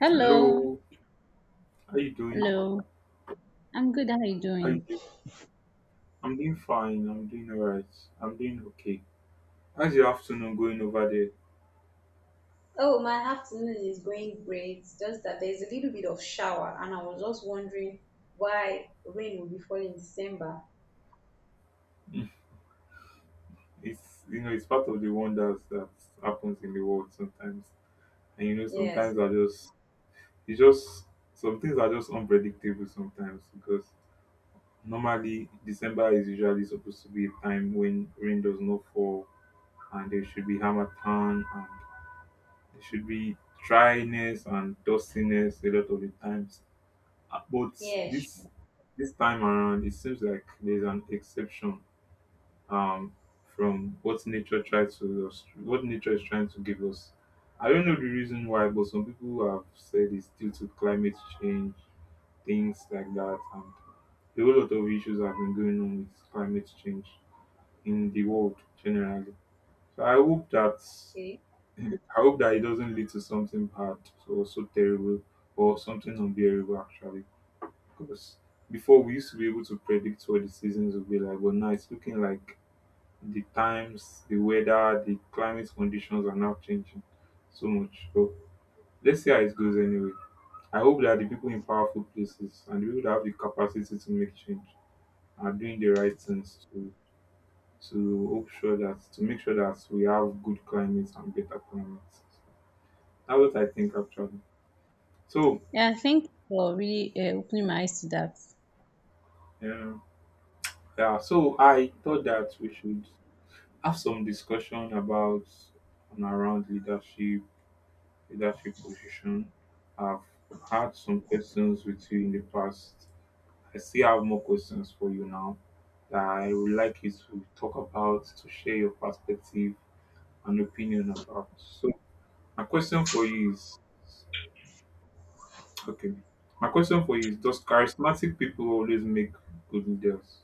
Hello, Hello, how you doing? hello. I'm good. How are you How you doing? doing? I'm doing fine. I'm doing alright. I'm doing okay. How's your afternoon going over there? Oh, my afternoon is going great. Just that there's a little bit of shower, and I was just wondering why rain will be falling in December. It's you know it's part of the wonders that happens in the world sometimes. And Yes, sometimes I just it's just some things are just unpredictable sometimes because normally December is usually supposed to be a time when rain does not fall, and there should be hammer town, and there should be dryness and dustiness a lot of the times. But yes. this this time around, it seems like there's an exception um, from what nature tries to us, what nature is trying to give us. I don't know the reason why, but some people have said it's due to climate change, things like that, and a whole lot of issues have been going on with climate change in the world generally. So I hope that Okay. I hope that it doesn't lead to something bad or so terrible or something unbearable actually. Because before we used to be able to predict what the seasons would be like, but now it's looking like the times, the weather, the climate conditions are now changing so much. So let's see how it goes anyway. I hope that the people in powerful places and the people that have the capacity to make change are doing the right things to hope sure that to make sure that we have good climates and better climates. That's what I think actually. So Yeah, thank you for really opening my eyes to that. um, yeah, so I thought that we should have some discussion about and around leadership, leadership position. I've had some questions with you in the past. I still have more questions for you now that I would like you to talk about, to share your perspective and opinion about. So my question for you is okay. My question for you is, does charismatic people always make good leaders?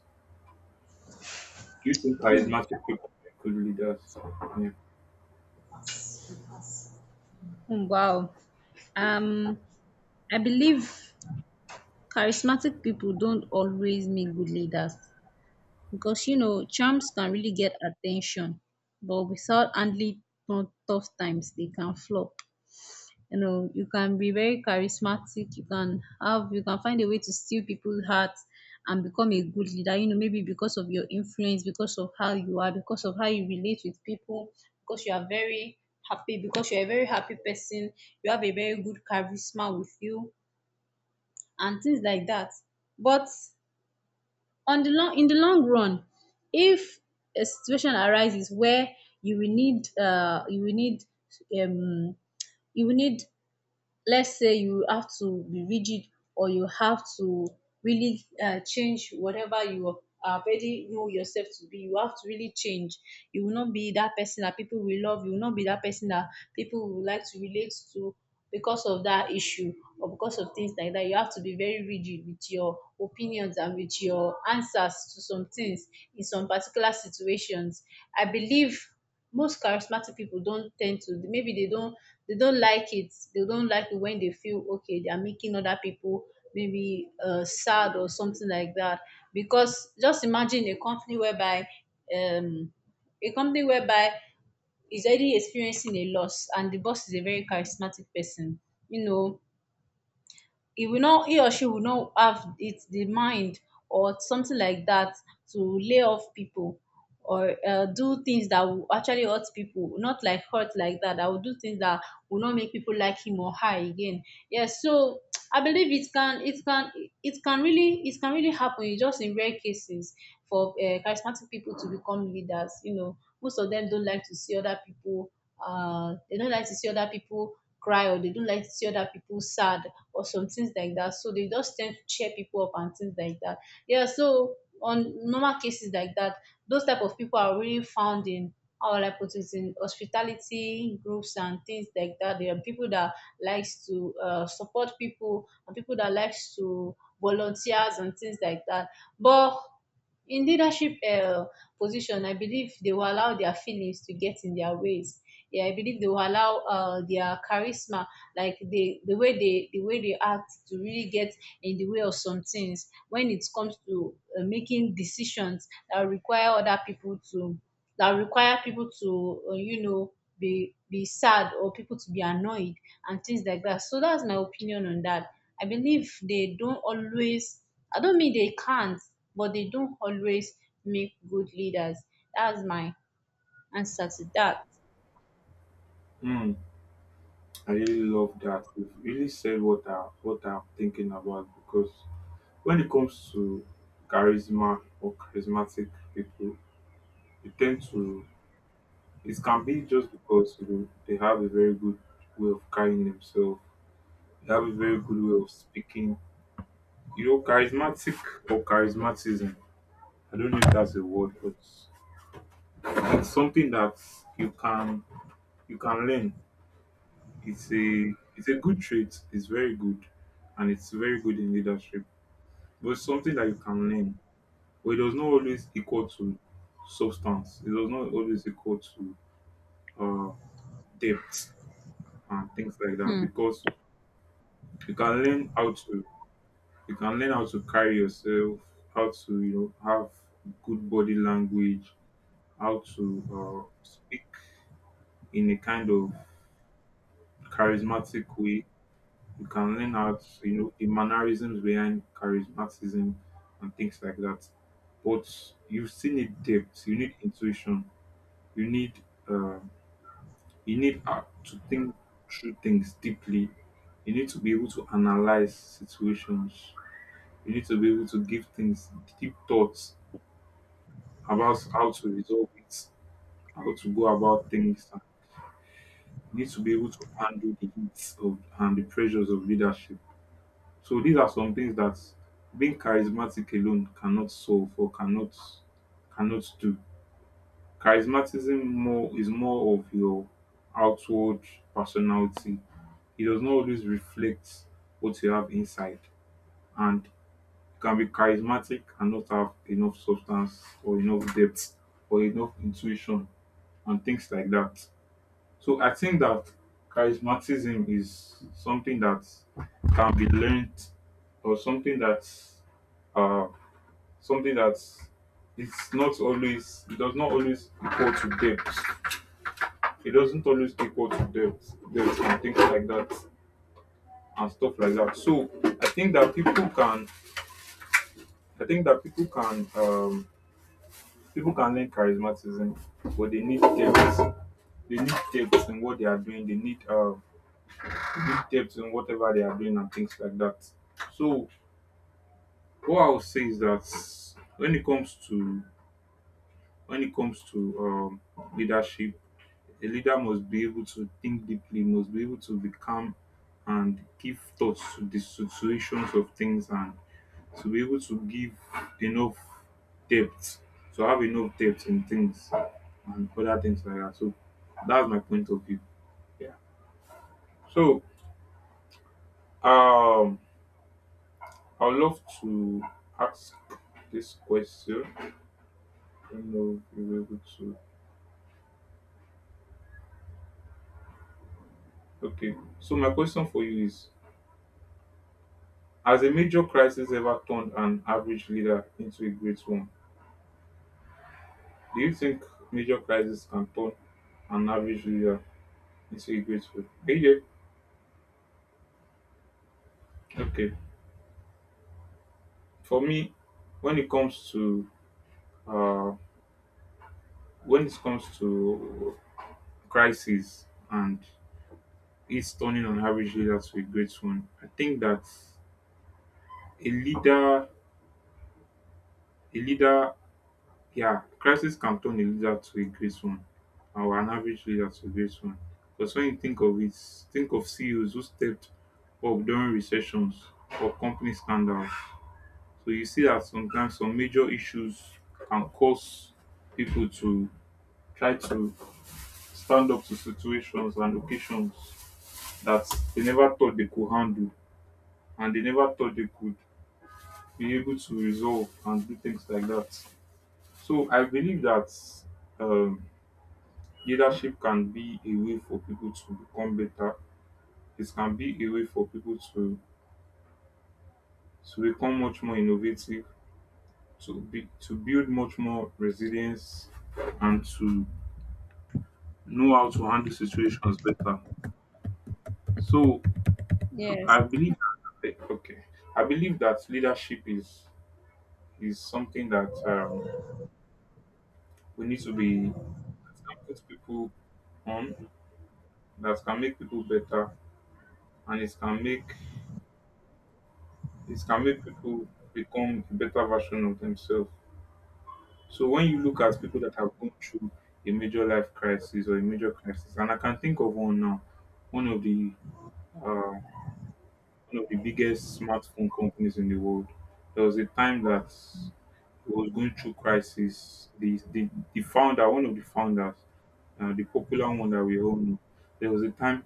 Do you think charismatic people make good leaders? Yeah. Hmm. Wow. Um, I believe charismatic people don't always make good leaders because you know charms can really get attention, but without handling tough times, they can flop. You know, you can be very charismatic, you can find a way to steal people's hearts and become a good leader. You know, maybe because of your influence, because of how you are, because of how you relate with people, because you are very happy because you're a very happy person, you have a very good charisma with you and things like that. But on the long in the long run, if a situation arises where you will need uh you will need um you will need, let's say you have to be rigid, or you have to really change whatever you already know yourself to be, you have to really change. You will not be that person that people will love, you will not be that person that people will like to relate to because of that issue, or because of things like that, you have to be very rigid with your opinions and with your answers to some things in some particular situations. I believe most charismatic people don't tend to, maybe they don't like it, when they feel okay they are making other people maybe sad or something like that. Because just imagine a company whereby, um, a company whereby is already experiencing a loss and the boss is a very charismatic person. You know, he or she will not have it the mind or something like that to lay off people, or do things that will actually hurt people. Not like hurt like that, that will do things that will not make people like him or her again. Yes, so I believe it can, it can really, it can really happen. It's just in rare cases for charismatic people to become leaders. You know, most of them don't like to see other people, they don't like to see other people cry, or they don't like to see other people sad or some things like that. So they just tend to cheer people up and things like that. Yeah, so on normal cases like that, those type of people are really found in, how will I put it, in hospitality groups and things like that. There are people that likes to support people, and people that likes to volunteers and things like that. But in leadership position, I believe they will allow their feelings to get in their ways. Yeah, I believe they will allow their charisma, like the way they the way they act to really get in the way of some things when it comes to making decisions that require other people to, that require people to, be sad, or people to be annoyed and things like that. So that's my opinion on that. I believe they don't always, I don't mean they can't, but they don't always make good leaders. That's my answer to that. Hmm. I really love that. You've really said what I'm thinking about because when it comes to charisma or charismatic people, they tend to it can be just because they have a very good way of carrying themselves, they have a very good way of speaking. You know, charismatic or charismatism. I don't know if that's a word, but it's something that you can you can learn. It's a it's a good trait. It's very good, and it's very good in leadership, but it's something that you can learn, but it does not always equal to substance. It does not always equal to uh, depth and things like that Hmm. because you can learn how to you can learn how to carry yourself, how to have good body language, how to speak in a kind of charismatic way. You can learn how to, the mannerisms behind charismaticism and things like that. But you still need depth. You need intuition, you need um, you need to think through things deeply. You need to be able to analyze situations. You need to be able to give things deep thoughts about how to resolve it, how to go about things. You need to be able to handle the heat of and the pressures of leadership. So these are some things that being charismatic alone cannot solve or cannot do. Charismatism more is more of your outward personality. It does not always reflect what you have inside, and you can be charismatic and not have enough substance or enough depth or enough intuition and things like that. So I think that charismaticism is something that can be learned or uh something that's it's not always it does not always equal to depth. It doesn't always equal to depth, and things like that. And stuff like that. So I think that people can, I think that people can learn charismatism, but they need depth. They need depth in what they are doing. They need depth in whatever they are doing and things like that. So what I would say is that when it comes to when it comes to leadership, a leader must be able to think deeply, must be able to be calm and give thoughts to the situations of things and to be able to give enough depth, to have enough depth in things and other things like that. So that's my point of view. Yeah. So um I'd love to ask this question. I don't know if you're able to okay. So my question for you is, has a major crisis ever turned an average leader into a great one? Do you think major crises can turn an average user into a grateful? AJ, okay. For me, when it comes to uh, when it comes to crisis and it's turning an average leader to a great one, I think that a leader, a leader, yeah, crisis can turn a leader to a great one, or an average leader to a great one. Because when you think of it, think of CEOs who stepped up during recessions or company scandals. So you see that sometimes some major issues can cause people to try to stand up to situations and occasions that they never thought they could handle and they never thought they could be able to resolve and do things like that. So I believe that um, leadership can be a way for people to become better. It can be a way for people to become much more innovative, to be to build much more resilience, and to know how to handle situations better. So I Yes. believe that, okay, I believe that leadership is something that we need to be that can put people on, that can make people better, and it can make people become a better version of themselves. So when you look at people that have gone through a major life crisis or a major crisis, and I can think of one now, one of the uh, one of the biggest smartphone companies in the world. There was a time that it was going through crisis. The founder, one of the founders, the popular one that we all know, there was a time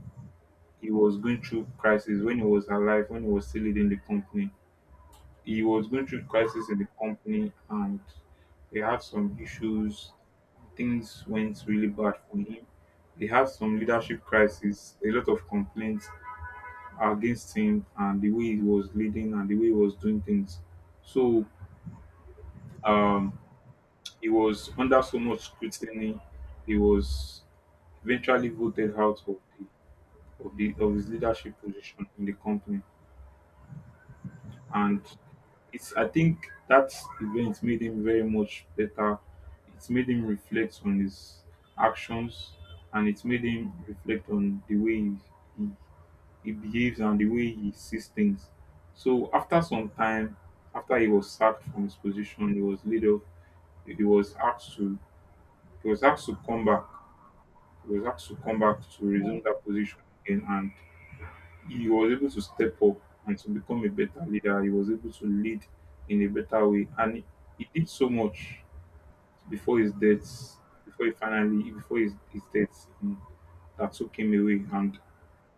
he was going through crisis when he was alive, when he was still leading the company. He was going through crisis in the company, and they had some issues. Things went really bad for him. They had some leadership crisis, a lot of complaints against him and the way he was leading and the way he was doing things. So um, he was under so much scrutiny. He was eventually voted out of the of the of his leadership position in the company, and it's I think that event made him very much better. It made him reflect on his actions, and it made him reflect on the way he, he behaves and the way he sees things. So after some time, after he was sacked from his position, he was laid off. He was asked to he was asked to come back. He was asked to come back to resume that position again, and he was able to step up and to become a better leader. He was able to lead in a better way, and he did so much before his death. Before he finally, before his death, that took him away, and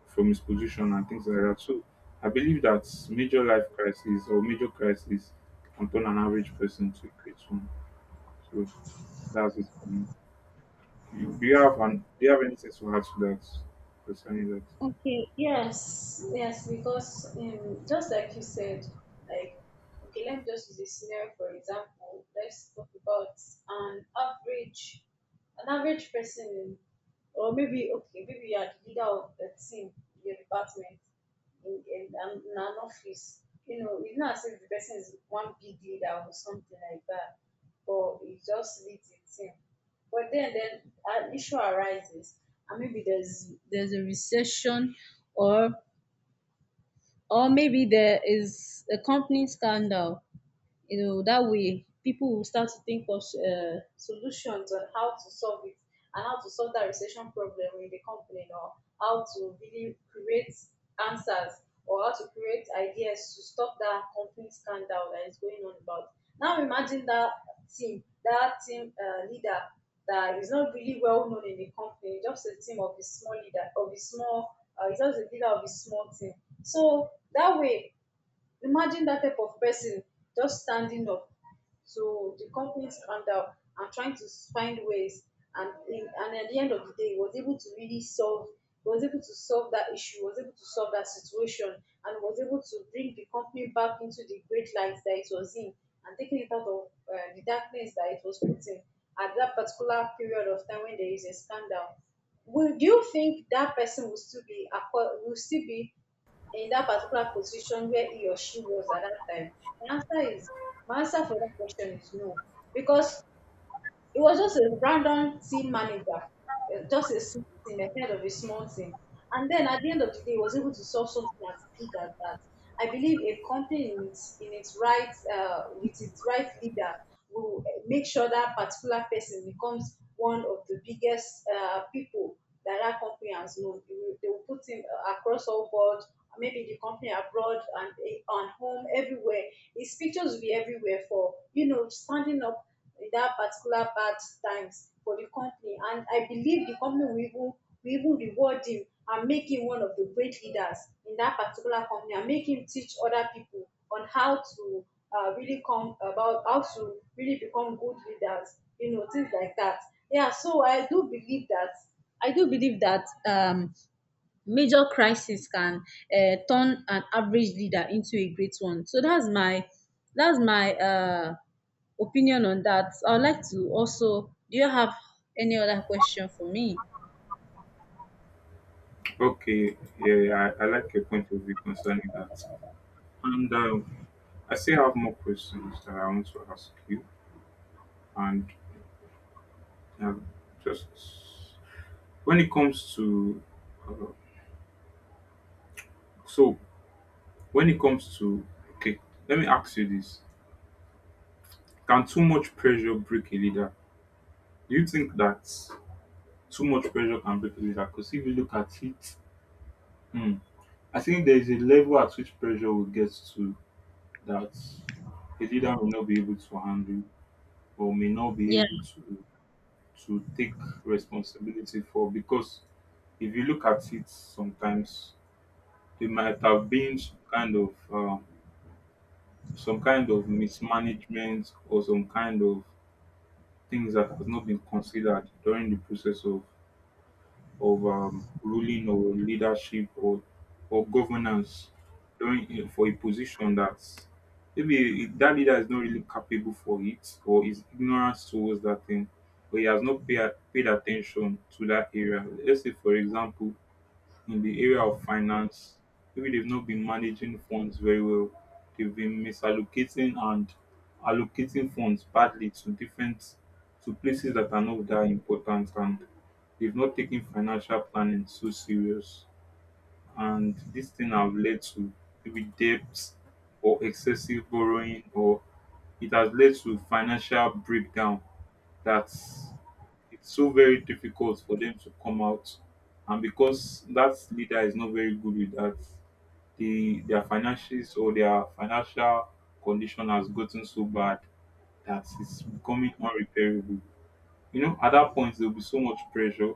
from his position and things like that. So I believe that major life crisis or major crisis can turn an average person to a great one. So that's it for me. You- do you have an, do you have anything to add to that concerning that? Okay, yes, yes, because just like you said, like, okay, let's just use a scenario for example. Let's talk about an average, an average person, or maybe, okay, maybe you're the leader of the team, your department, in an office. You know, it's not as if the person is one big leader or something like that, but it just leads a team. But then an issue arises, and maybe there's a recession, or or maybe there is a company scandal. You know, that way people will start to think of solutions on how to solve it and how to solve that recession problem in the company, or how to really create answers, or how to create ideas to stop that company scandal that is going on about. Now imagine that team, that team leader that is not really well known in the company, just a team of a small leader of a small he's just a leader of a small team. So that way, imagine that type of person just standing up to the company's stand and trying to find ways, and at the end of the day, was able to really solve. Was able to solve that issue. Was able to solve that situation, and was able to bring the company back into the great light that it was in, and taking it out of the darkness that it was put in at that particular period of time when there is a scandal. Would, do you think that person will still be will still be in that particular position where he or she was at that time? The answer is, my answer for that question is no. Because it was just a random team manager, just a small team, a head of a small team. And then at the end of the day, he was able to solve something as big as that. I believe a company in in its right, with its right leader, will make sure that particular person becomes one of the biggest people that that company has known. They will put him across all board, maybe the company abroad and eh, on home, everywhere. His pictures will be everywhere for, you know, standing up that particular bad times for the company. And I believe the company will even reward him and make him one of the great leaders in that particular company and make him teach other people on how to really come about how to really become good leaders, you know, things like that. Yeah, so I do believe that, i do believe that um major crisis can turn an average leader into a great one. So that's my, that's my opinion on that. I would like to also. Do you have any other question for me? Okay, yeah, I like your point of view concerning that. And I still have more questions that I want to ask you. And um, just when it comes to, uh, so when it comes to, okay, let me ask you this. Can too much pressure break a leader? Do you think that too much pressure can break a leader? Because if you look at it, hmm, I think there is a level at which pressure will get to that a leader will not be able to handle or may not be Yeah, able to take responsibility for. Because if you look at it, sometimes there might have been some kind of mismanagement or some kind of things that has not been considered during the process of ruling or leadership or governance during for a position that maybe that leader is not really capable for it or is ignorant towards that thing or he has not paid attention to that area. Let's say for example in the area of finance, maybe they've not been managing funds very well. They've been misallocating and allocating funds badly to different to places that are not that important, and they've not taken financial planning so serious. And this thing have led to maybe debts or excessive borrowing, or it has led to financial breakdown that's it's so very difficult for them to come out. And because that leader is not very good with that, the their finances or their financial condition has gotten so bad that it's becoming unrepairable. You know, at that point there will be so much pressure,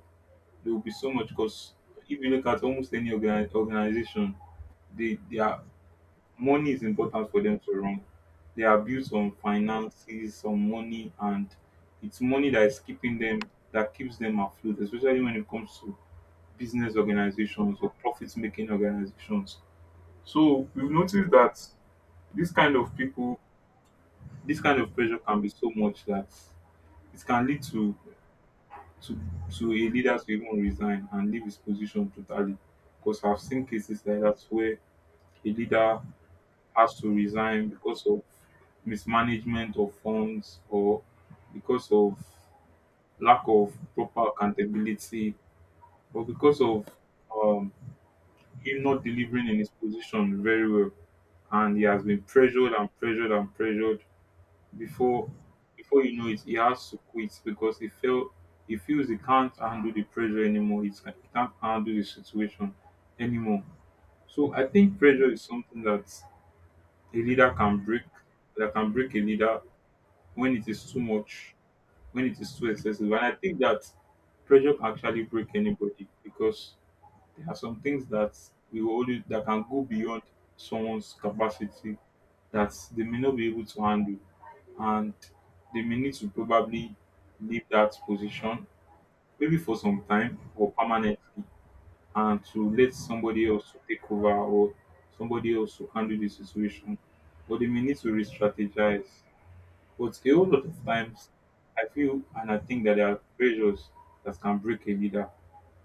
there will be so much because if you look at almost any organization, they are money is important for them to run. They are built on finances, on money, and it's money that is keeping them, that keeps them afloat, especially when it comes to business organizations or profit making organizations. So we've noticed that this kind of people, this kind of pressure can be so much that it can lead to to, to a leader to even resign and leave his position totally. Because I've seen cases like that where a leader has to resign because of mismanagement of funds, or because of lack of proper accountability, or because of um, him not delivering in his position very well. And he has been pressured and pressured and pressured before before you know it, he has to quit because he felt he feels he can't handle the pressure anymore. He can't handle the situation anymore. So I think pressure is something that a leader can break, that can break a leader when it is too much, when it is too excessive. And I think that pressure can actually break anybody because there are some things that we will only that can go beyond someone's capacity that they may not be able to handle, and they may need to probably leave that position maybe for some time or permanently, and to let somebody else to take over, or somebody else to handle the situation, or they may need to re-strategize. But a whole lot of times, I feel and I think that there are pressures that can break a leader,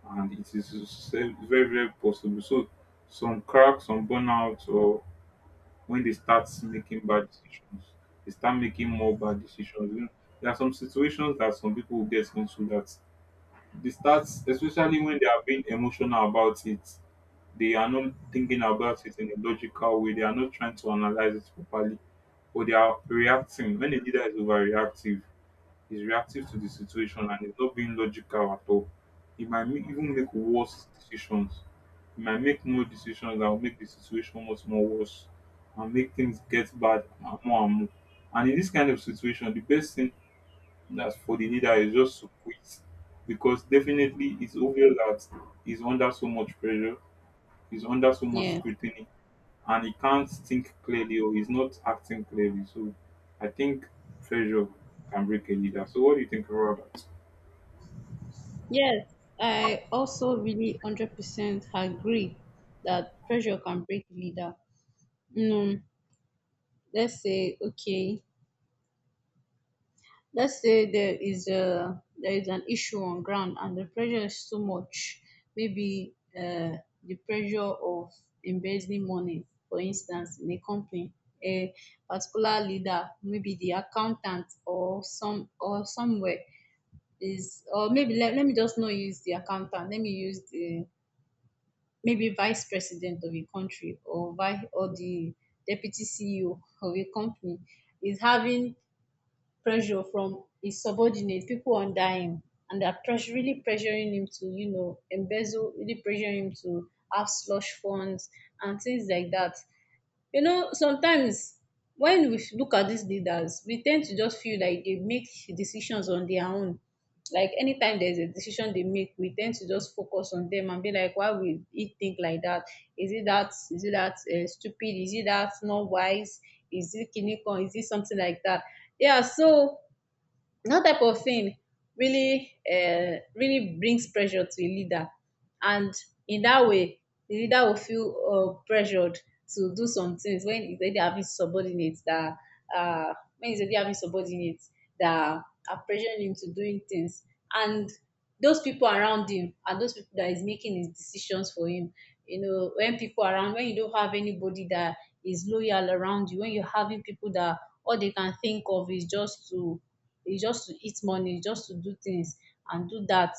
and it is very, very possible. So, some cracks, some burnout, or when they start making bad decisions, they start making more bad decisions. You know, there are some situations that some people will get into that they start, especially when they are being emotional about it, they are not thinking about it in a logical way, they are not trying to analyze it properly, or they are reacting. When a leader is overreactive, is reactive to the situation and is not being logical at all. He might make, even make worse decisions. He might make more decisions that will make the situation much more worse and make things get bad and more and more. And in this kind of situation, the best thing that's for the leader is just to quit because definitely it's obvious that he's under so much pressure, he's under so much yeah, scrutiny, and he can't think clearly or he's not acting clearly. So I think pressure can break a leader. So what do you think about that? yes. I also really 100% agree that pressure can break leader. You know, let's say okay, let's say there is an issue on ground and the pressure is too much. Maybe the pressure of embezzling money, for instance, in a company, a particular leader, maybe the accountant or some or somewhere is, or maybe let, let me just not use the accountant. Let me use the maybe vice president of a country, or vice or the deputy CEO of a company, is having pressure from his subordinate, people under him, and they're pressure, really pressuring him to, you know, embezzle, really pressuring him to have slush funds and things like that. You know, sometimes when we look at these leaders, we tend to just feel like they make decisions on their own. Like anytime there's a decision they make, we tend to just focus on them and be like, why will he think like that? Is it that? Is it that stupid? Is it that not wise? Is it kinikon? Is it something like that? Yeah. So that type of thing really really brings pressure to a leader, and in that way the leader will feel pressured to do some things when he's already having subordinates that uh, when he's already having subordinates that are pressuring him to doing things, and those people around him and those people that is making his decisions for him. You know, when people around, when you don't have anybody that is loyal around you, when you're having people that all they can think of is just to, it's just to eat money, just to do things and do that,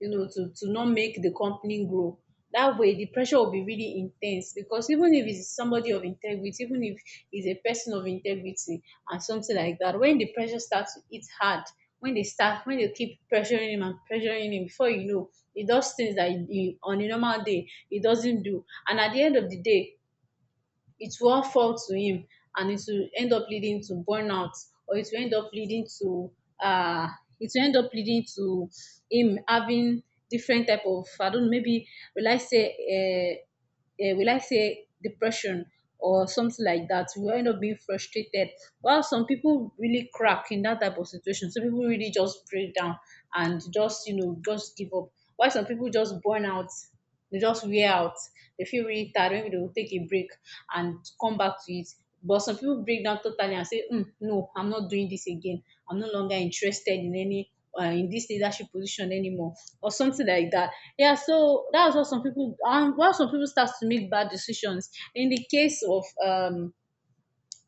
you know, to not make the company grow. That way the pressure will be really in ten se, because even if it's somebody of integrity, even if it's a person of integrity and something like that, when the pressure starts to eat hard, when they start when they keep pressuring him and pressuring him, before you know, he does things that on a normal day he doesn't do, and at the end of the day it will all fall to him, and it will end up leading to burnout, or it will end up leading to, uh it will end up leading to him having different type of, I don't know, maybe will I say, will I say depression or something like that. We end up being frustrated. While some people really crack in that type of situation, some people really just break down and just you know just give up. Why some people just burn out, dey just wear out, dey feel really tired, maybe dey go take a break and come back to it. But some people break down totally and say, no, I'm not doing this again. I'm no longer interested in any, in this leadership position anymore, or something like that. Yeah, so that's what some people, and why some people start to make bad decisions, in the case of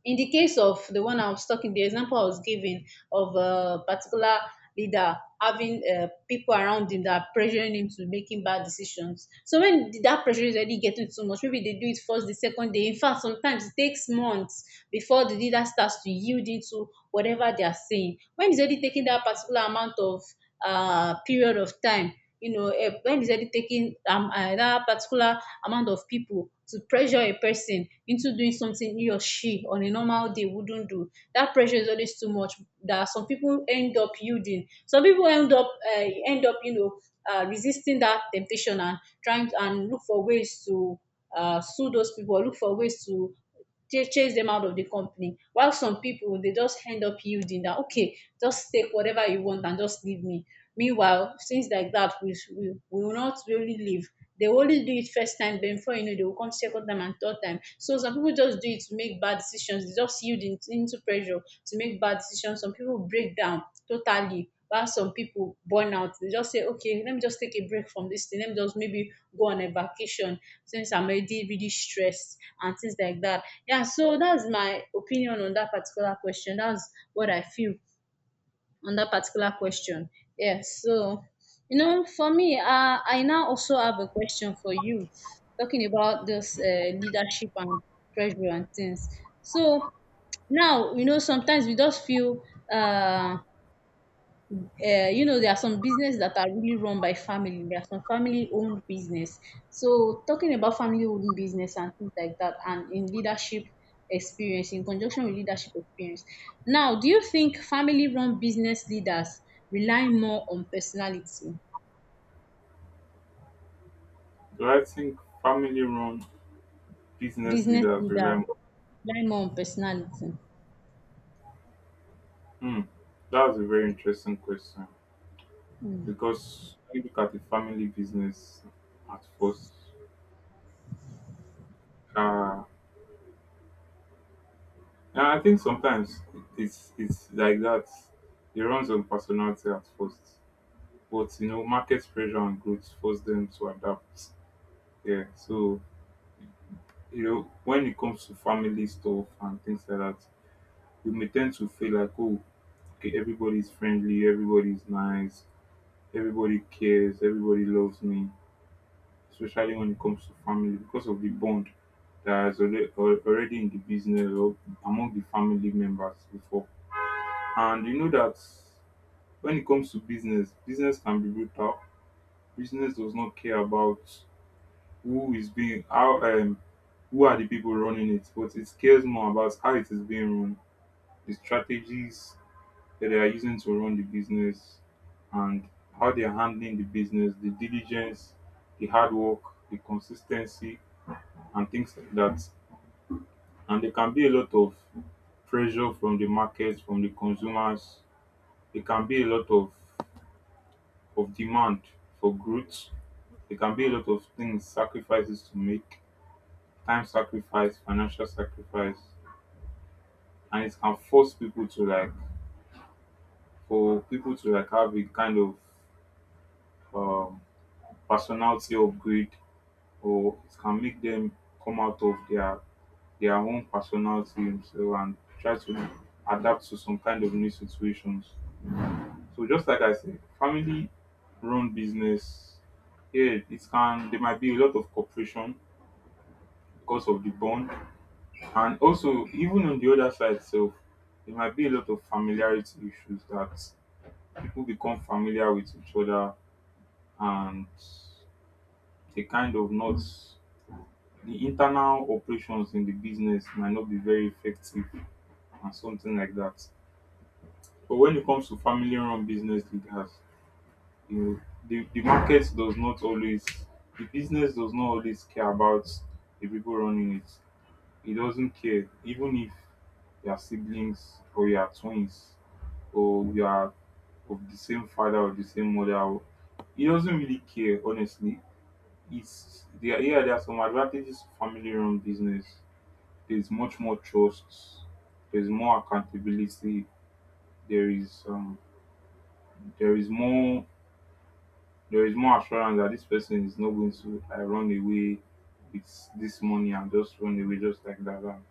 in the case of the one I was talking, the example I was giving, of a particular leader having people around him that are pressuring him to making bad decisions. So when that pressure is already getting too much, maybe they do it first, the second day. In fact, sometimes it takes months before the leader starts to yield into whatever they are saying. When he's already taking that particular amount of period of time. When is it taking that particular amount of people to pressure a person into doing something he or she on a normal day wouldn't do? That pressure is always too much. That some people end up yielding. Some people end up resisting that temptation and and look for ways to sue those people. Or look for ways to chase them out of the company, while some people they just end up yielding that okay, just take whatever you want and just leave me. Meanwhile, things like that, we will not really live. They will only do it first time, then before you know, they will come second time and third time. So some people just do it to make bad decisions. They just into pressure to make bad decisions. Some people break down totally. While some people burn out, they just say, okay, let me just take a break from this thing. Let me just maybe go on a vacation since I'm already really stressed and things like that. Yeah, so that's my opinion on that particular question. That's what I feel on that particular question. Yes. So, you know, for me, I now also have a question for you, talking about this leadership and pressure and things. So, now, you know, sometimes we just feel uh, you know, there are some businesses that are really run by family. There are some family-owned business. So talking about family-owned business and things like that, and in leadership experience, in conjunction with leadership experience. Now, do you think family-run business leaders rely more on personality? Do I think family run business Business leaders rely leaders more? rely more on personality. Hmm. That's a very interesting question Mm. because when you look at the family business at first, uh, and I think sometimes it's like that. It runs on personality at first, but you know, market pressure and growth force them to adapt. Yeah, so you know, when it comes to family stuff and things like that, we may tend to feel like, oh, okay, everybody's friendly, everybody's nice, everybody cares, everybody loves me, especially when it comes to family because of the bond that is already in the business or among the family members before. And you know that when it comes to business, business can be brutal. Business does not care about who is being, how, who are the people running it, but it cares more about how it is being run the strategies that they are using to run the business and how they are handling the business, the diligence, the hard work, the consistency, and things like that. And there can be a lot of pressure from the market, from the consumers. There can be a lot of demand for growth. There can be a lot of things, sacrifices to make, time sacrifice, financial sacrifice, and it can force people to like, for people to like have a kind of um, personality upgrade, or it can make them come out of their own personality themselves and try to adapt to some kind of new situations. So just like I said, family run business, yeah, it can there might be a lot of cooperation because of the bond. And also even on the other side itself, there might be a lot of familiarity issues that people become familiar with each other and they kind of not the internal operations in the business might not be very effective and something like that. But when it comes to family run business leaders, you know, the market does not always the business does not always care about the people running it. It doesn't care, even if you are siblings or you are twins or you are of the same father or the same mother. Or- It doesn't really care, honestly. It's there. Yeah, there are some advantages to family run business. There's much more trust, there's more accountability, there is um there is more there is more assurance that this person is not going to run away with this money and just run away just like that. And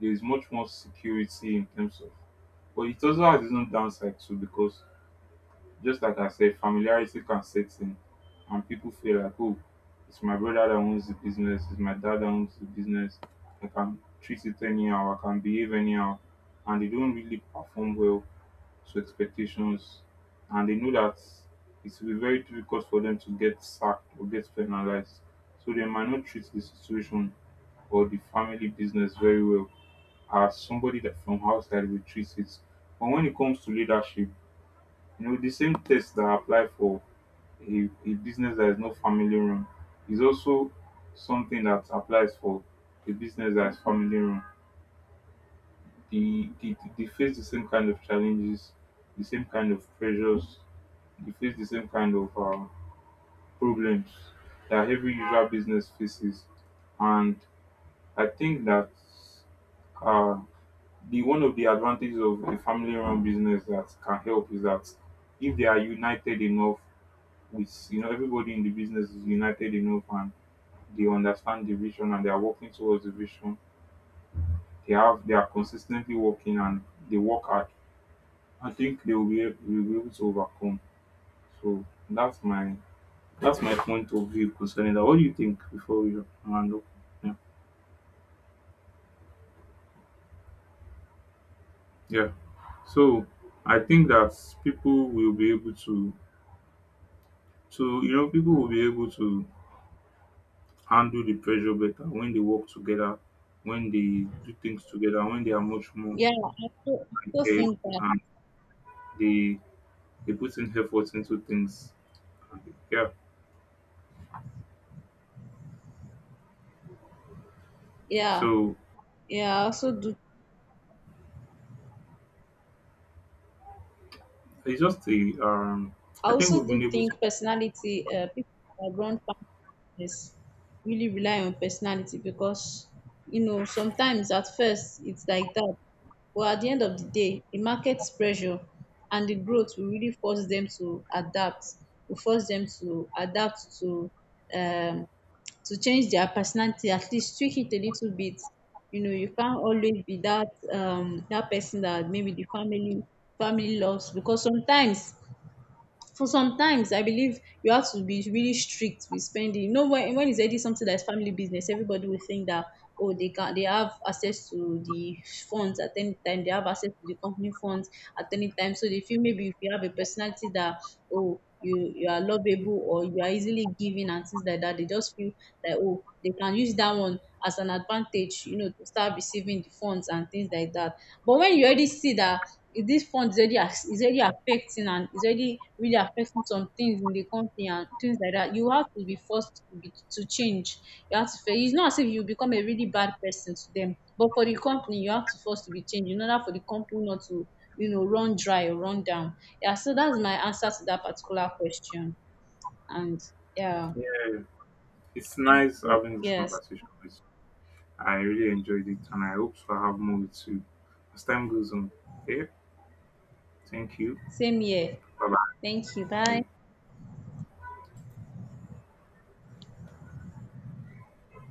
there is much more security in terms of but it also has its own downside too because Just like I said, familiarity can set in, and people feel like, oh, it's my brother that owns the business, it's my dad that owns the business. I can treat it anyhow, I can behave anyhow, and they don't really perform well to expectations, and they know that it will be very difficult for them to get sacked or get penalized. So they might not treat the situation or the family business very well as somebody that from outside will treat it. But when it comes to leadership, you know, the same tests that apply for a business that is not family run is also something that applies for a business that is family run. They face the same kind of challenges, the same kind of pressures, they face the same kind of problems that every usual business faces. And I think that uh, the one of the advantages of a family-run business that can help is that if they are united enough with you know everybody in the business is united enough and they understand the vision and they are working towards the vision. They have they are consistently working and they work hard. I think they will be, will be able to overcome. So that's my point of view concerning that. What do you think before we round up? Yeah. Yeah. So I think that people will be able to you know people will be able to handle the pressure better when they work together, when they do things together, when they are much more Yeah, I also united, think that. and they they put in effort into things. Yeah. Yeah, So yeah, it's just a I I think we've also been do able to think personality, people that run families really rely on personality because, you know, sometimes at first it's like that. But at the end of the day, the market's pressure and the growth will really force them to adapt, will force them to adapt um, to change their personality, at least tweak it a little bit. You know, you can't always be that that person that maybe the family loves, because sometimes, for sometimes I believe you have to be really strict with spending. You know, when it's already something that's family business, everybody will think that, oh, they can they have access to the funds at any time, they have access to the company funds at any time. So they feel, maybe if you have a personality that, oh, you are lovable or you are easily giving and things like that, they just feel like, oh, they can use that one as an advantage, you know, to start receiving the funds and things like that. But when you already see that if this fund is already affecting and is already really affecting some things in the company and things like that, you have to be forced to be to change you it's not as if you become a really bad person to them but for the company you have to force to be changed in order for the company not to, you know, run dry or run down. Yeah, so that's my answer to that particular question, and yeah. it's nice having this Yes, conversation with you. I really enjoyed it and I hope to have more with you as time goes on. Okay. Thank you. same here, Bye thank you, bye. bye.